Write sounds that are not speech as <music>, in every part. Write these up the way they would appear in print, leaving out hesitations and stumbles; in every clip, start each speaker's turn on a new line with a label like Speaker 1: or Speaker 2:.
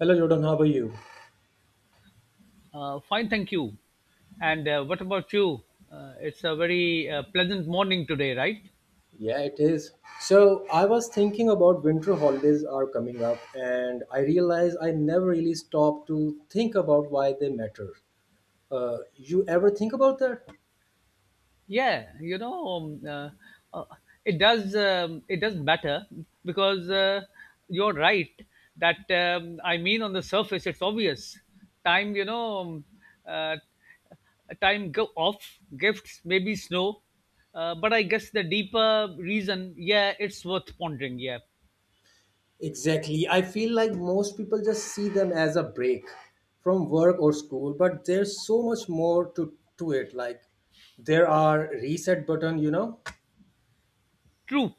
Speaker 1: Hello Jordan, how are you?
Speaker 2: Fine, thank you. And what about you? It's a very pleasant morning today, right?
Speaker 1: Yeah, it is. So I was thinking about winter holidays are coming up, and I realized I never really stopped to think about why they matter. You ever think about that?
Speaker 2: Yeah, you know, uh, it does matter because you're right that I mean on the surface it's obvious. Time, you know, um, uh, time go off gifts, maybe snow, but I guess the deeper reason, yeah, it's worth pondering. Yeah.
Speaker 1: Exactly. I feel like most people just see them as a break from work or school, but there's so much more to it. Like there are reset button, you know.
Speaker 2: True,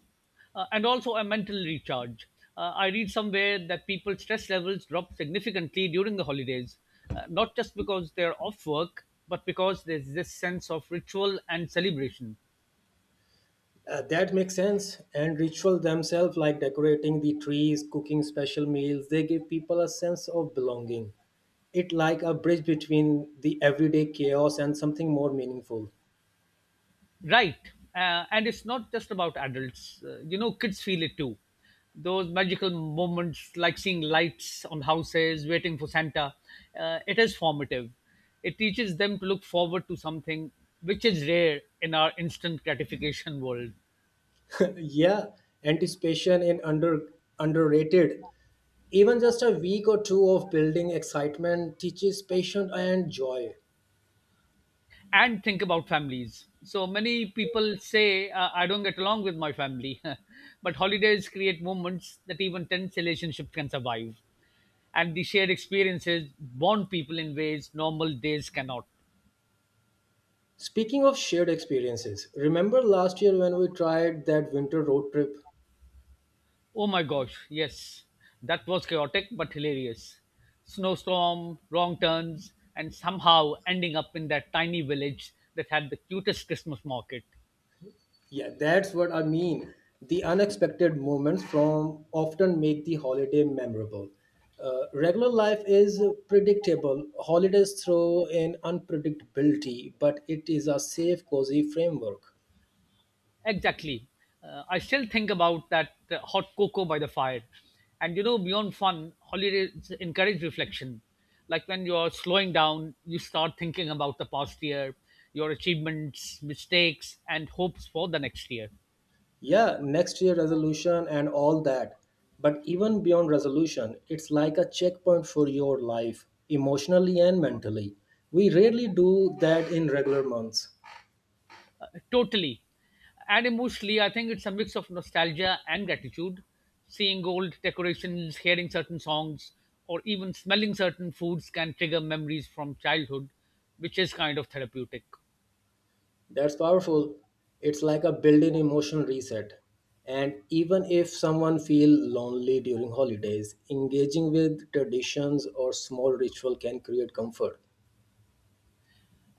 Speaker 2: and also a mental recharge. I read somewhere that people's stress levels drop significantly during the holidays, not just because they're off work, but because there's this sense of ritual and celebration.
Speaker 1: That makes sense. And ritual themselves, like decorating the trees, cooking special meals, they give people a sense of belonging. It like a bridge between the everyday chaos and something more meaningful.
Speaker 2: Right, and it's not just about adults. You know, kids feel it too. Those magical moments, like seeing lights on houses, waiting for Santa, it is formative. It teaches them to look forward to something which is rare in our instant gratification world.
Speaker 1: <laughs> Yeah, anticipation in underrated. Even just a week or two of building excitement teaches patience and joy.
Speaker 2: And think about families. So many people say, I don't get along with my family, <laughs> but holidays create moments that even tense relationships can survive. And the shared experiences bond people in ways normal days cannot.
Speaker 1: Speaking of shared experiences, remember last year when we tried that winter road trip?
Speaker 2: Oh my gosh, yes, that was chaotic but hilarious. Snowstorm, wrong turns, and somehow ending up in that tiny village that had the cutest Christmas market.
Speaker 1: Yeah, that's what I mean. The unexpected moments from often make the holiday memorable. Regular life is predictable. Holidays throw in unpredictability, but it is a safe, cozy framework.
Speaker 2: Exactly. I still think about that hot cocoa by the fire. And you know, beyond fun, holidays encourage reflection. Like when you're slowing down, you start thinking about the past year, your achievements, mistakes, and hopes for the next year.
Speaker 1: Yeah, next year resolution and all that. But even beyond resolution, it's like a checkpoint for your life, emotionally and mentally. We rarely do that in regular months.
Speaker 2: Totally. And emotionally, I think it's a mix of nostalgia and gratitude. Seeing old decorations, hearing certain songs, or even smelling certain foods can trigger memories from childhood, which is kind of therapeutic.
Speaker 1: That's powerful. It's like a built-in emotional reset. And even if someone feel lonely during holidays, engaging with traditions or small ritual can create comfort.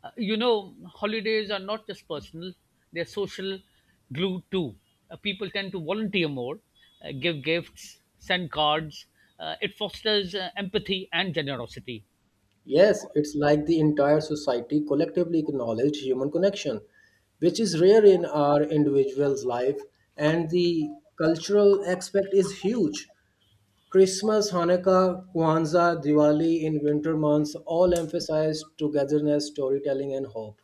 Speaker 2: You know, holidays are not just personal, they're social glue too. People tend to volunteer more, give gifts, send cards. It fosters empathy and generosity.
Speaker 1: Yes, it's like the entire society collectively acknowledge human connection, which is rare in our individual's life, and the cultural aspect is huge. Christmas, Hanukkah, Kwanzaa, Diwali in winter months all emphasize togetherness, storytelling, and hope.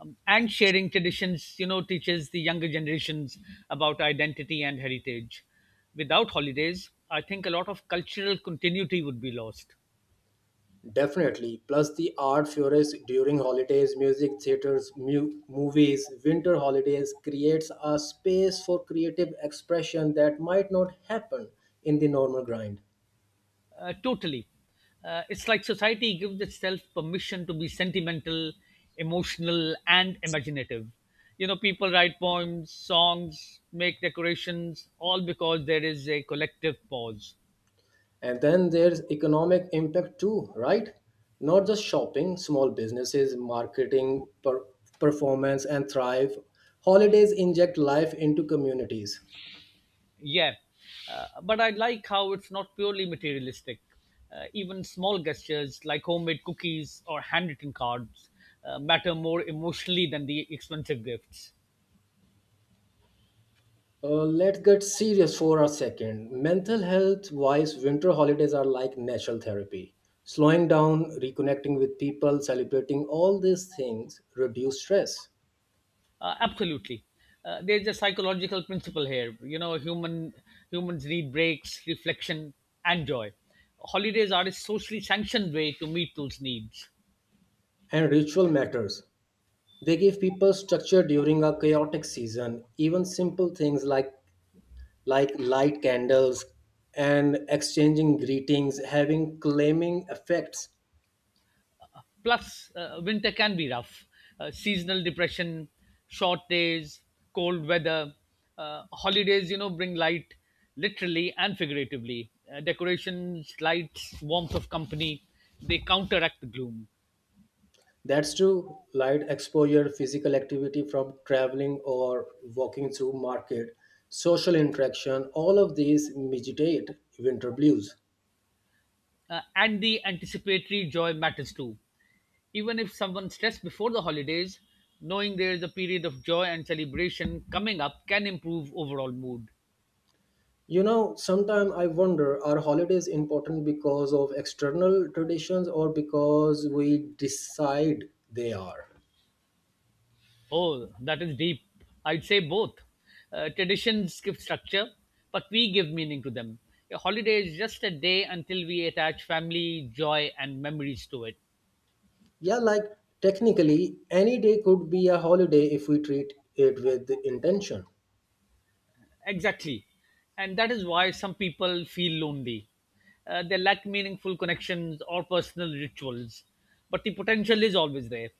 Speaker 2: And sharing traditions, you know, teaches the younger generations about identity and heritage. Without holidays, I think a lot of cultural continuity would be lost.
Speaker 1: Definitely. Plus, the art flourishes during holidays, music, theaters, movies, winter holidays creates a space for creative expression that might not happen in the normal grind.
Speaker 2: Totally. It's like society gives itself permission to be sentimental, emotional, and imaginative. You know, people write poems, songs, make decorations, all because there is a collective pause.
Speaker 1: And then there's economic impact too, right? Not just shopping, small businesses, marketing, performance, and thrive. Holidays inject life into communities.
Speaker 2: Yeah. But I like how it's not purely materialistic. Even small gestures like homemade cookies or handwritten cards matter more emotionally than the expensive gifts.
Speaker 1: Let's get serious for a second. Mental health wise, winter holidays are like natural therapy. Slowing down, reconnecting with people, celebrating all these things reduce stress.
Speaker 2: Absolutely. There's a psychological principle here. You know, humans need breaks, reflection, and joy. Holidays are a socially sanctioned way to meet those needs.
Speaker 1: And ritual matters. They give people structure during a chaotic season. Even simple things like light candles and exchanging greetings having claiming effects.
Speaker 2: Plus, winter can be rough. Seasonal depression, short days, cold weather. Holidays, you know, bring light literally and figuratively. Decorations, lights, warmth of company, they counteract the gloom.
Speaker 1: That's true. Light exposure, physical activity from traveling or walking through market, social interaction, all of these mitigate winter blues.
Speaker 2: And the anticipatory joy matters too. Even if someone stressed before the holidays, knowing there is a period of joy and celebration coming up can improve overall mood.
Speaker 1: You know, sometimes I wonder are holidays important because of external traditions or because we decide they are?
Speaker 2: Oh, that is deep. I'd say both. Traditions give structure, but we give meaning to them. A holiday is just a day until we attach family, joy, and memories to it.
Speaker 1: Yeah, like technically, any day could be a holiday if we treat it with intention.
Speaker 2: Exactly. And that is why some people feel lonely. They lack meaningful connections or personal rituals, but the potential is always there.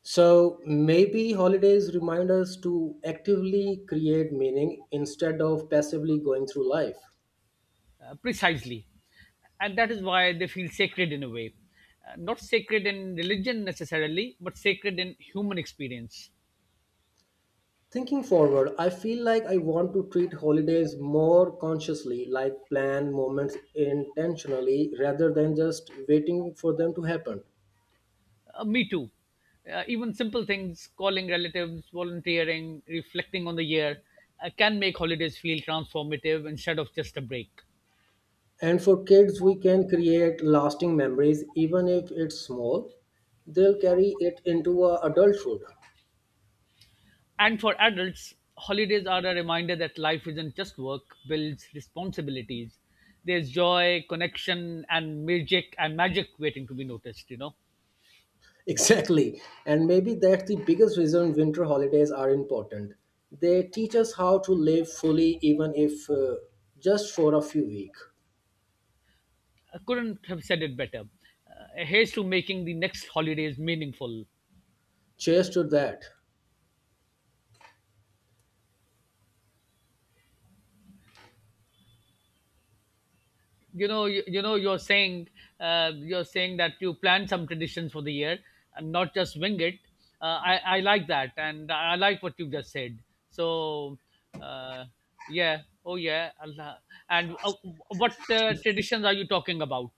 Speaker 1: So maybe holidays remind us to actively create meaning instead of passively going through life.
Speaker 2: Precisely. And that is why they feel sacred in a way. Not sacred in religion necessarily, but sacred in human experience.
Speaker 1: Thinking forward, I feel like I want to treat holidays more consciously, like plan moments intentionally rather than just waiting for them to happen.
Speaker 2: Me too. Even simple things, calling relatives, volunteering, reflecting on the year, can make holidays feel transformative instead of just a break.
Speaker 1: And for kids, we can create lasting memories even if it's small. They'll carry it into adulthood.
Speaker 2: And for adults, holidays are a reminder that life isn't just work, bills, responsibilities. There's joy, connection, and magic waiting to be noticed, you know.
Speaker 1: <laughs> Exactly. And maybe that's the biggest reason winter holidays are important. They teach us how to live fully, even if just for a few weeks.
Speaker 2: I couldn't have said it better. Here's to making the next holidays meaningful.
Speaker 1: Cheers to that.
Speaker 2: You know, you know, you're saying that you plan some traditions for the year and not just wing it. I like that, and I like what you've just said. So, uh, yeah, oh yeah, Allah. And what traditions are you talking about?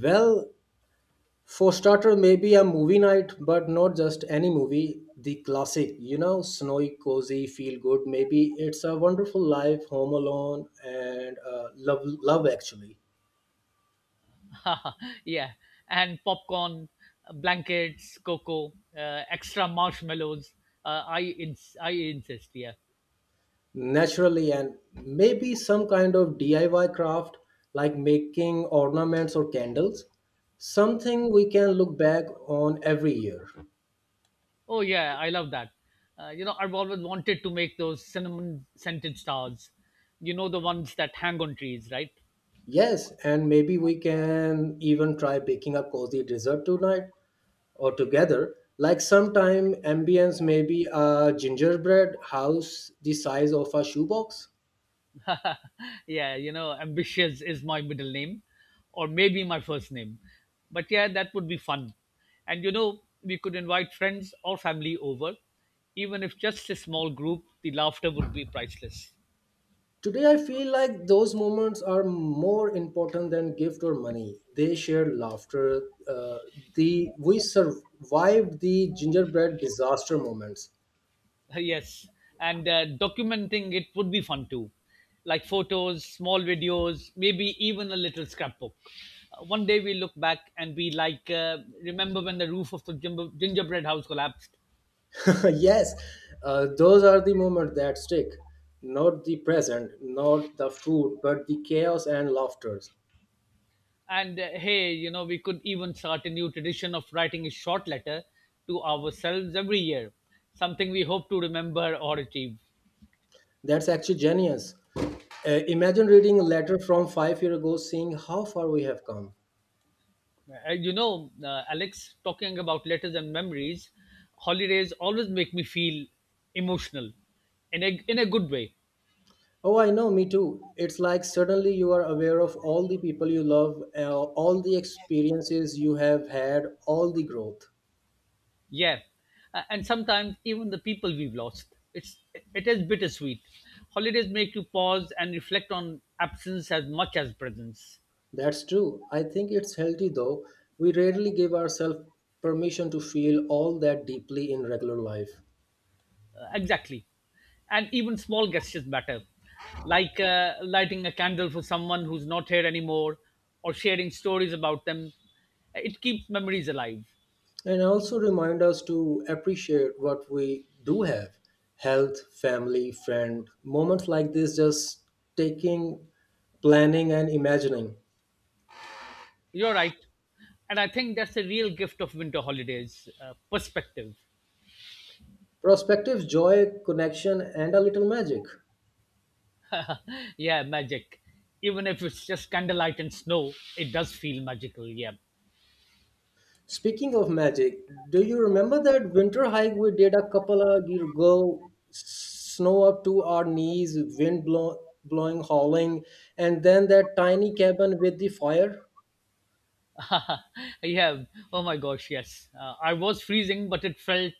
Speaker 1: Well, for starter, maybe a movie night, but not just any movie, the classic, you know, snowy, cozy, feel good. Maybe it's a wonderful life, home alone, and love actually.
Speaker 2: <laughs> Yeah, and popcorn, blankets, cocoa, extra marshmallows. I insist. Yeah.
Speaker 1: Naturally, and maybe some kind of DIY craft like making ornaments or candles. Something we can look back on every year.
Speaker 2: Oh yeah, I love that. You know, I've always wanted to make those cinnamon scented stars. You know the ones that hang on trees, right?
Speaker 1: Yes, and maybe we can even try baking a cozy dessert tonight or together. Like sometime ambience, maybe a gingerbread house the size of a shoebox.
Speaker 2: Yeah, you know, ambitious is my middle name, or maybe my first name. But yeah, that would be fun. And you know, we could invite friends or family over. Even if just a small group, the laughter would be priceless.
Speaker 1: Today, I feel like those moments are more important than gift or money. They share laughter. Uh, the we survived the gingerbread disaster moments.
Speaker 2: <laughs> Yes, and documenting it would be fun too, like photos, small videos, maybe even a little scrapbook. One day we look back and we like remember when the roof of the gingerbread house collapsed.
Speaker 1: <laughs> Yes, those are the moments that stick. Not the present, not the food, but the chaos and laughters.
Speaker 2: And hey, you know, we could even start a new tradition of writing a short letter to ourselves every year, something we hope to remember or achieve.
Speaker 1: That's actually genius. Imagine reading a letter from 5 years ago, seeing how far we have come.
Speaker 2: Alex, talking about letters and memories, holidays always make me feel emotional in a good way.
Speaker 1: Oh, I know, me too. It's like suddenly you are aware of all the people you love, all the experiences you have had, all the growth.
Speaker 2: Yeah. And sometimes even the people we've lost. It is bittersweet. Holidays make you pause and reflect on absence as much as presence.
Speaker 1: That's true. I think it's healthy though. We rarely give ourselves permission to feel all that deeply in regular life.
Speaker 2: Exactly. And even small gestures matter, like lighting a candle for someone who's not here anymore or sharing stories about them. It keeps memories alive.
Speaker 1: And also remind us to appreciate what we do have health, family, friend. Moments like this, just taking, planning, and imagining.
Speaker 2: You're right. And I think that's the real gift of winter holidays, perspective.
Speaker 1: Prospective joy, connection, and a little magic.
Speaker 2: Yeah, magic. Even if it's just candlelight and snow, it does feel magical. Yeah.
Speaker 1: Speaking of magic, do you remember that winter hike we did a couple of years ago? Snow up to our knees, blowing, howling, and then that tiny cabin with the fire?
Speaker 2: <laughs> Yeah. Oh my gosh, yes. I was freezing, but it felt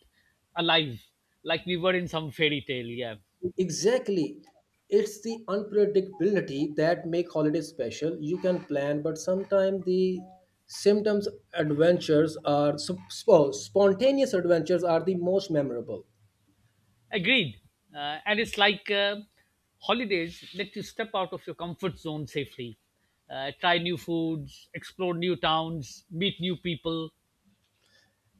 Speaker 2: alive, like we were in some fairy tale. Yeah.
Speaker 1: Exactly. It's the unpredictability that make holidays special. You can plan, but sometimes the symptoms adventures are sup- spo- spontaneous adventures are the most memorable.
Speaker 2: Agreed. And it's like Holidays let you step out of your comfort zone safely, try new foods, explore new towns, meet new people.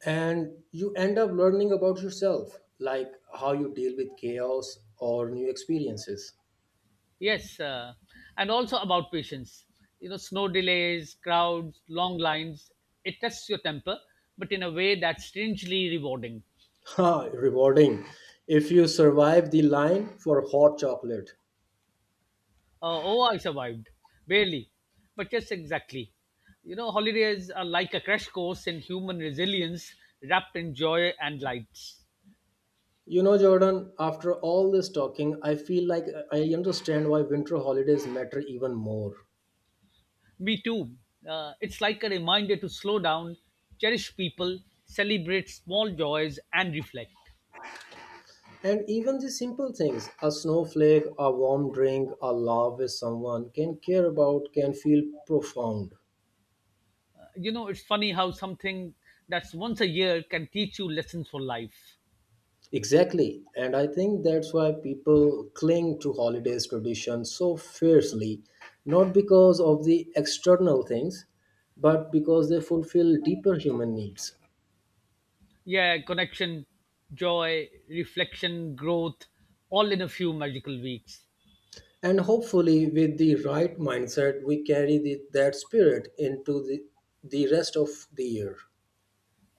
Speaker 1: And you end up learning about yourself, like how you deal with chaos or new experiences. <laughs>
Speaker 2: Yes, and also about patience. You know, snow delays, crowds, long lines. It tests your temper, but in a way that's strangely rewarding.
Speaker 1: Ha, rewarding if you survive the line for hot chocolate.
Speaker 2: Oh, I survived. Barely. But yes, exactly. You know, holidays are like a crash course in human resilience wrapped in joy and lights.
Speaker 1: You know, Jordan, after all this talking, I feel like I understand why winter holidays matter even more.
Speaker 2: Me too. It's like a reminder to slow down, cherish people, celebrate small joys, and reflect.
Speaker 1: And even the simple things a snowflake, a warm drink, a laugh with someone can care about can feel profound.
Speaker 2: You know, it's funny how something that's once a year can teach you lessons for life.
Speaker 1: Exactly. And I think that's why people cling to holidays tradition so fiercely, not because of the external things, but because they fulfill deeper human needs.
Speaker 2: Yeah, connection, joy, reflection, growth, all in a few magical weeks.
Speaker 1: And hopefully, with the right mindset, we carry that spirit into the rest of the year.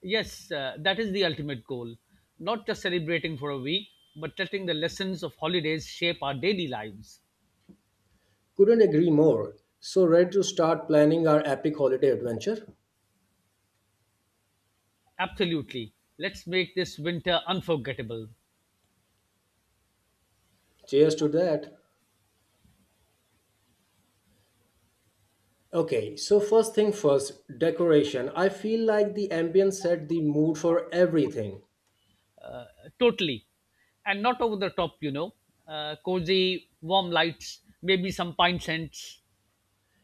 Speaker 2: Yes, that is the ultimate goal. Not just celebrating for a week, but letting the lessons of holidays shape our daily lives.
Speaker 1: Couldn't agree more. So, ready to start planning our epic holiday adventure?
Speaker 2: Absolutely. Let's make this winter unforgettable.
Speaker 1: Cheers to that. Okay, so first thing first, decoration. I feel like the ambience set the mood for everything.
Speaker 2: Totally. And not over the top, you know. Cozy, warm lights, maybe some pine scents.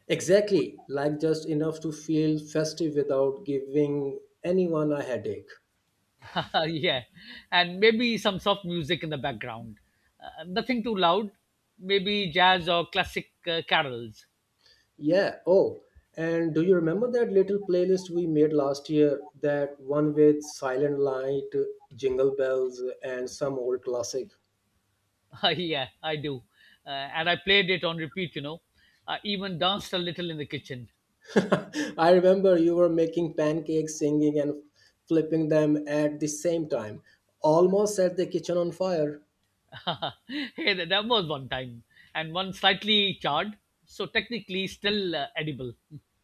Speaker 1: Exactly, like just enough to feel festive without giving anyone a headache.
Speaker 2: <laughs> Yeah, and maybe some soft music in the background. Nothing too loud, maybe jazz or classic carols. <laughs>
Speaker 1: Yeah, oh, and do you remember that little playlist we made last year? That one with Silent Light, Jingle Bells, and some old classic.
Speaker 2: Yeah, I do. And I played it on repeat, you know. I even danced a little in the kitchen.
Speaker 1: <laughs> I remember you were making pancakes, singing, and flipping them at the same time, almost set the kitchen on fire.
Speaker 2: <laughs> Hey, that was one time. And one slightly charred, so technically still edible. <laughs>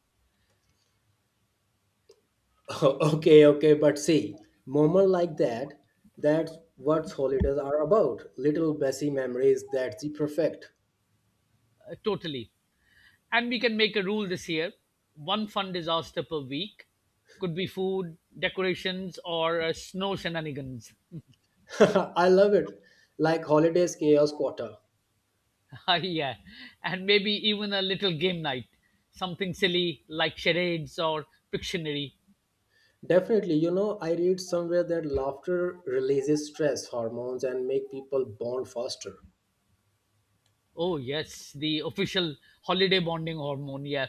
Speaker 1: <laughs> Okay, okay, but see, moment like that, that's what holidays are about. Little Bessie memories, that's the perfect.
Speaker 2: Totally. And we can make a rule this year: one fun disaster per week. Could be food, decorations, or snow shenanigans.
Speaker 1: <laughs> I love it. Like holidays chaos quarter.
Speaker 2: <laughs> Yeah, and maybe even a little game night, something silly like charades or Pictionary.
Speaker 1: Definitely, you know, I read somewhere that laughter releases stress hormones and make people bond faster.
Speaker 2: Oh yes, the official holiday bonding hormone. Yeah.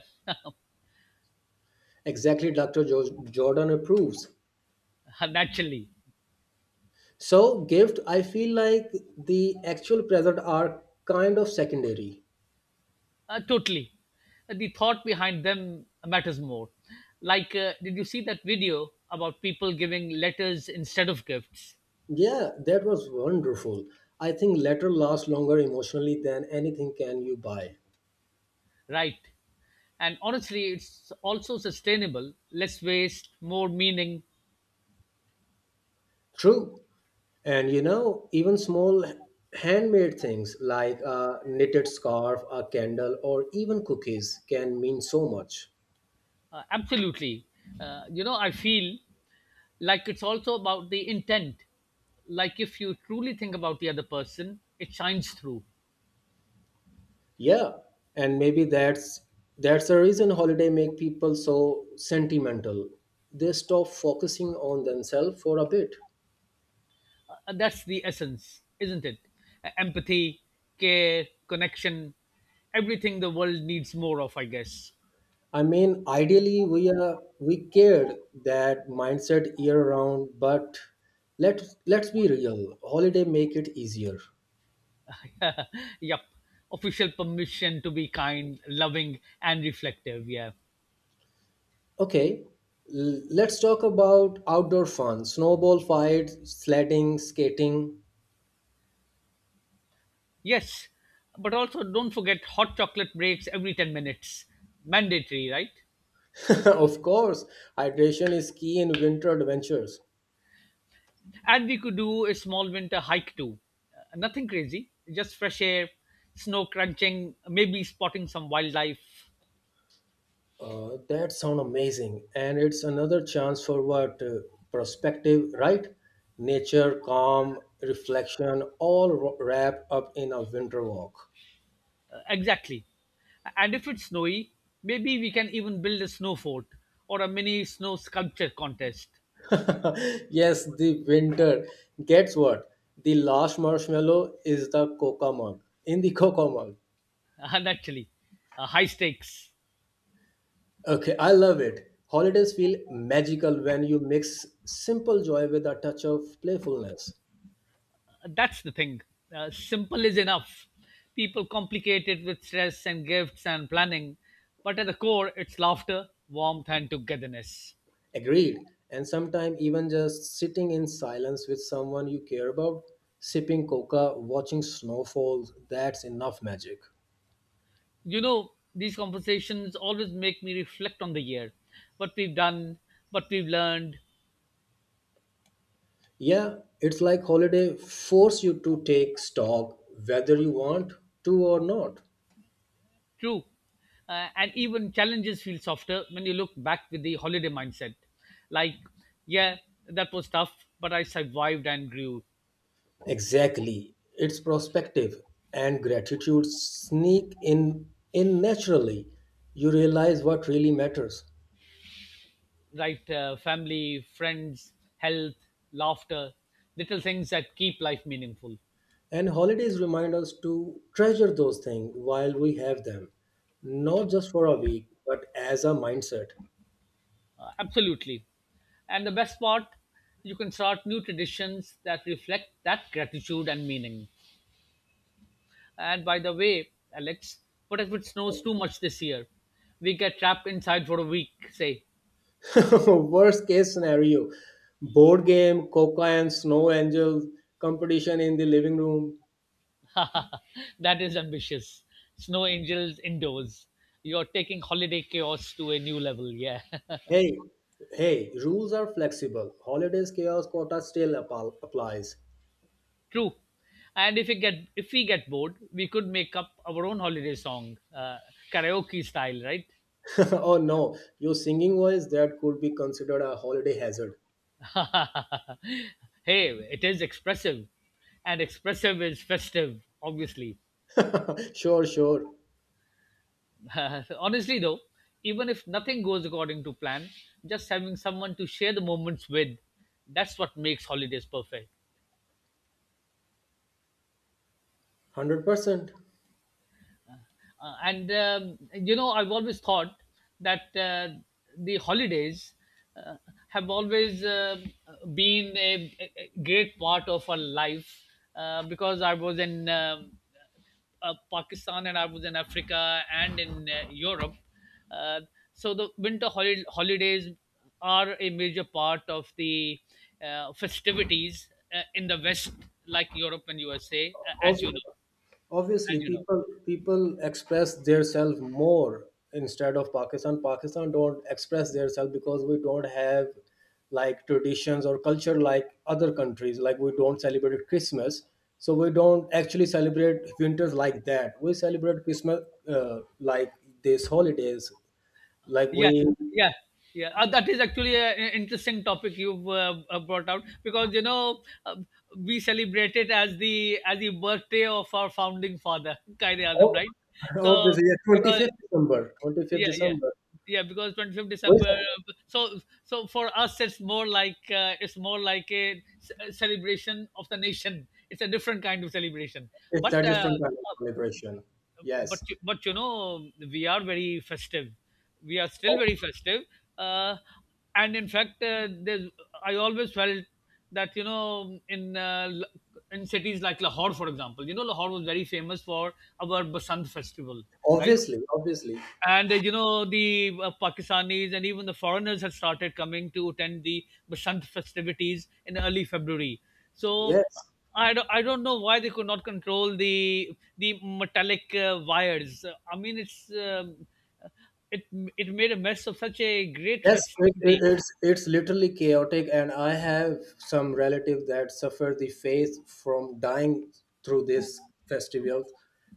Speaker 1: Exactly, Dr. Jordan approves.
Speaker 2: <laughs> Naturally.
Speaker 1: So, gift, I feel like the actual present are kind of secondary.
Speaker 2: Totally. The thought behind them matters more. Like, did you see that video about people giving letters instead of gifts?
Speaker 1: Yeah, that was wonderful. I think letter lasts longer emotionally than anything can you buy.
Speaker 2: Right. And honestly, it's also sustainable, less waste, more meaning.
Speaker 1: True. And you know, even small handmade things like a knitted scarf, a candle, or even cookies can mean so much.
Speaker 2: Absolutely. You know, I feel like it's also about the intent, like if you truly think about the other person, it shines through.
Speaker 1: Yeah. And maybe that's the reason holiday make people so sentimental. They stop focusing on themselves for a bit.
Speaker 2: That's the essence, isn't it? Empathy, care, connection, everything the world needs more of, I guess.
Speaker 1: I mean, ideally, we cared that mindset year round, but let's be real. Holiday make it easier.
Speaker 2: <laughs> Yep. Official permission to be kind, loving, and reflective. Yeah.
Speaker 1: Okay, let's talk about outdoor fun: snowball fights, sledding, skating.
Speaker 2: Yes, but also don't forget hot chocolate breaks every 10 minutes, mandatory, right?
Speaker 1: <laughs> Of course, hydration is key in winter adventures.
Speaker 2: And we could do a small winter hike too. Nothing crazy, just fresh air, snow crunching, maybe spotting some wildlife.
Speaker 1: That sound amazing, and it's another chance for what perspective, right? Nature, calm, reflection, all wrapped up in a winter walk.
Speaker 2: Exactly. And if it's snowy, maybe we can even build a snow fort or a mini snow sculpture contest.
Speaker 1: <laughs> Yes, the winter. Gets what? The last marshmallow is the coca mug. In the <laughs> coca mug.
Speaker 2: <laughs> And actually, high stakes.
Speaker 1: Okay, I love it. Holidays feel magical when you mix simple joy with a touch of playfulness.
Speaker 2: That's the thing. Simple is enough. People complicate it with stress and gifts and planning, but at the core, it's laughter, warmth, and togetherness.
Speaker 1: Agreed. And sometimes even just sitting in silence with someone you care about, sipping coca, watching snowfalls, that's enough magic.
Speaker 2: You know, these conversations always make me reflect on the year, what we've done, what we've learned.
Speaker 1: Yeah, it's like holiday force you to take stock whether you want to or not.
Speaker 2: True. And even challenges feel softer when you look back with the holiday mindset, like, yeah, that was tough, but I survived and grew.
Speaker 1: Exactly. It's prospective and gratitude sneak in naturally. You realize what really matters.
Speaker 2: Right. Family, friends, health, laughter, little things that keep life meaningful.
Speaker 1: And holidays remind us to treasure those things while we have them, not just for a week, but as a mindset.
Speaker 2: Absolutely. And the best part, you can start new traditions that reflect that gratitude and meaning. And by the way, Alex, what if it snows too much this year? We get trapped inside for a week, say.
Speaker 1: <laughs> Worst case scenario board game, coca and snow angels, competition in the living room.
Speaker 2: <laughs> That is ambitious. Snow angels indoors. You're taking holiday chaos to a new level, yeah.
Speaker 1: Hey, hey, rules are flexible. Holidays chaos quota still applies.
Speaker 2: <laughs> True. And if we get bored, we could make up our own holiday song, karaoke style, right?
Speaker 1: <laughs> Oh no, your singing voice that could be considered a holiday hazard.
Speaker 2: <laughs> Hey, it is expressive, and expressive is festive, obviously.
Speaker 1: <laughs> Sure.
Speaker 2: <laughs> Honestly, though, even if nothing goes according to plan, just having someone to share the moments with, that's what makes holidays perfect.
Speaker 1: 100%.
Speaker 2: I've always thought that the holidays uh, have always been a great part of our life, because I was in. Pakistan, and I was in Africa, and in Europe. Uh, so the winter holidays are a major part of the festivities in the West, like Europe and USA, as you know,
Speaker 1: Obviously
Speaker 2: as you know.
Speaker 1: people express themselves more instead of Pakistan don't express themselves because we don't have like traditions or culture like other countries, like we don't celebrate Christmas, so we don't actually celebrate winters like that. We celebrate Christmas like these holidays, like we,
Speaker 2: Yeah, yeah. Yeah, that is actually an interesting topic you've brought out because, you know, we celebrate it as the birthday of our founding father, <laughs> Qaid Azam,
Speaker 1: oh,
Speaker 2: right?
Speaker 1: <laughs>
Speaker 2: So
Speaker 1: obviously, yeah,
Speaker 2: because
Speaker 1: 25th
Speaker 2: yeah, yeah,
Speaker 1: december
Speaker 2: yeah, because 25th
Speaker 1: we
Speaker 2: december,
Speaker 1: celebrate.
Speaker 2: so for us it's more like a celebration of the nation. It's a different kind of celebration.
Speaker 1: It's
Speaker 2: but
Speaker 1: that
Speaker 2: uh,
Speaker 1: different kind of celebration.
Speaker 2: uh, but
Speaker 1: Yes.
Speaker 2: but you know, we are very festive. We are still
Speaker 1: Ob-
Speaker 2: very festive. uh, and in fact, there's, I always felt that, you know, in in cities like lahore, for example, you know, lahore was very famous for our basant festival, right?
Speaker 1: Obviously, obviously.
Speaker 2: And you know, the pakistanis and even the foreigners had started coming to attend the basant festivities in early february. So
Speaker 1: Yes,
Speaker 2: I don't know why they could not control the metallic wires. I mean, it it made a mess of such a great festivity.
Speaker 1: it's literally chaotic, and I have some relative that suffered the faith from dying through this festival.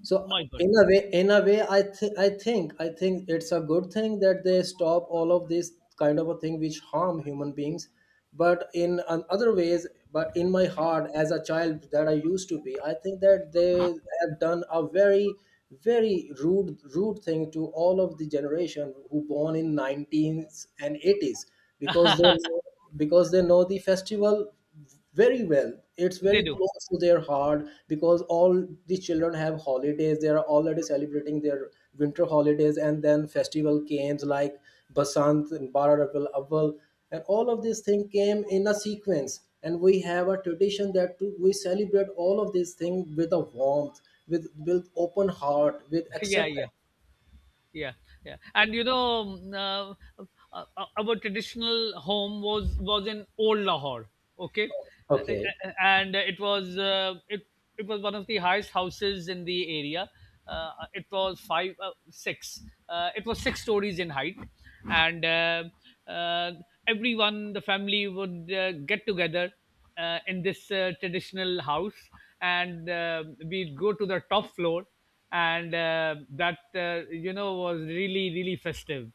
Speaker 1: So
Speaker 2: My god.
Speaker 1: in a way, I think it's a good thing that they stop all of this kind of a thing which harm human beings. But in on other ways, but in my heart as a child that I used to be, I think that they have done a very very rude thing to all of the generation who born in 19s and 80s, because they, because they know the festival very well. It's
Speaker 2: They
Speaker 1: very
Speaker 2: do.
Speaker 1: close to their heart because all these children have holidays, they are already celebrating their winter holidays, and then festival came like Basant and Bararabil Awal, and all of these things came in a sequence, and we have a tradition that to, we celebrate all of these things with a warmth, with open heart, with
Speaker 2: <laughs> Yeah, yeah,
Speaker 1: acceptance.
Speaker 2: yeah, yeah. And you know, our traditional home was in old lahore. Okay.
Speaker 1: Okay.
Speaker 2: And it it was one of the highest houses in the area. uh, it was five six it was six stories in height. And uh, everyone, the family would get together in this traditional house, and we'd go to the top floor, and that you know, was really really festive.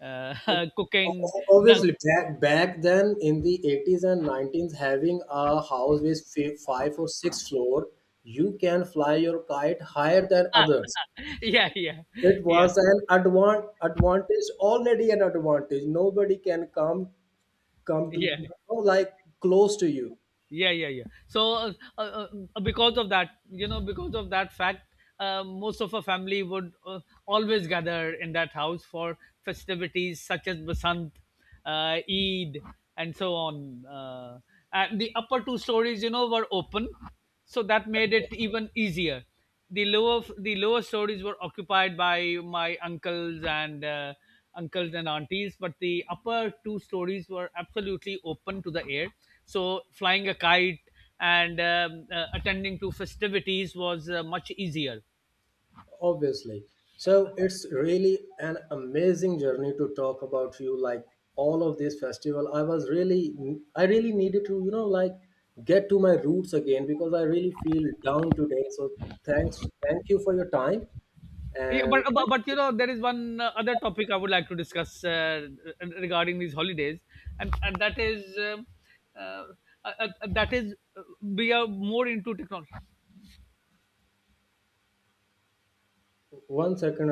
Speaker 2: Uh, <laughs> cooking, the,
Speaker 1: Obviously, back then in the 80s and 90s, having a house with five or six floor, you can fly your kite higher than others.
Speaker 2: yeah, yeah,
Speaker 1: It
Speaker 2: yeah,
Speaker 1: was an advantage, already an advantage. Nobody can come
Speaker 2: yeah,
Speaker 1: you know, like close to you.
Speaker 2: yeah, yeah, yeah. So because of that, you know, because of that fact, most of our family would always gather in that house for festivities such as Basant, Eid, and so on. And the upper two stories, you know, were open, so that made it even easier. The lower stories were occupied by my uncles and aunties, but the upper two stories were absolutely open to the air, so flying a kite and attending to festivities was much easier.
Speaker 1: Obviously. So it's really an amazing journey to talk about you like all of this festival. I really needed to, you know, like get to my roots again because I really feel down today. So thank you for your time.
Speaker 2: Yeah,
Speaker 1: And
Speaker 2: but, but you know, there is one other topic I would like to discuss, regarding these holidays, and that is uh, that is, we are more into technology.
Speaker 1: 1 second.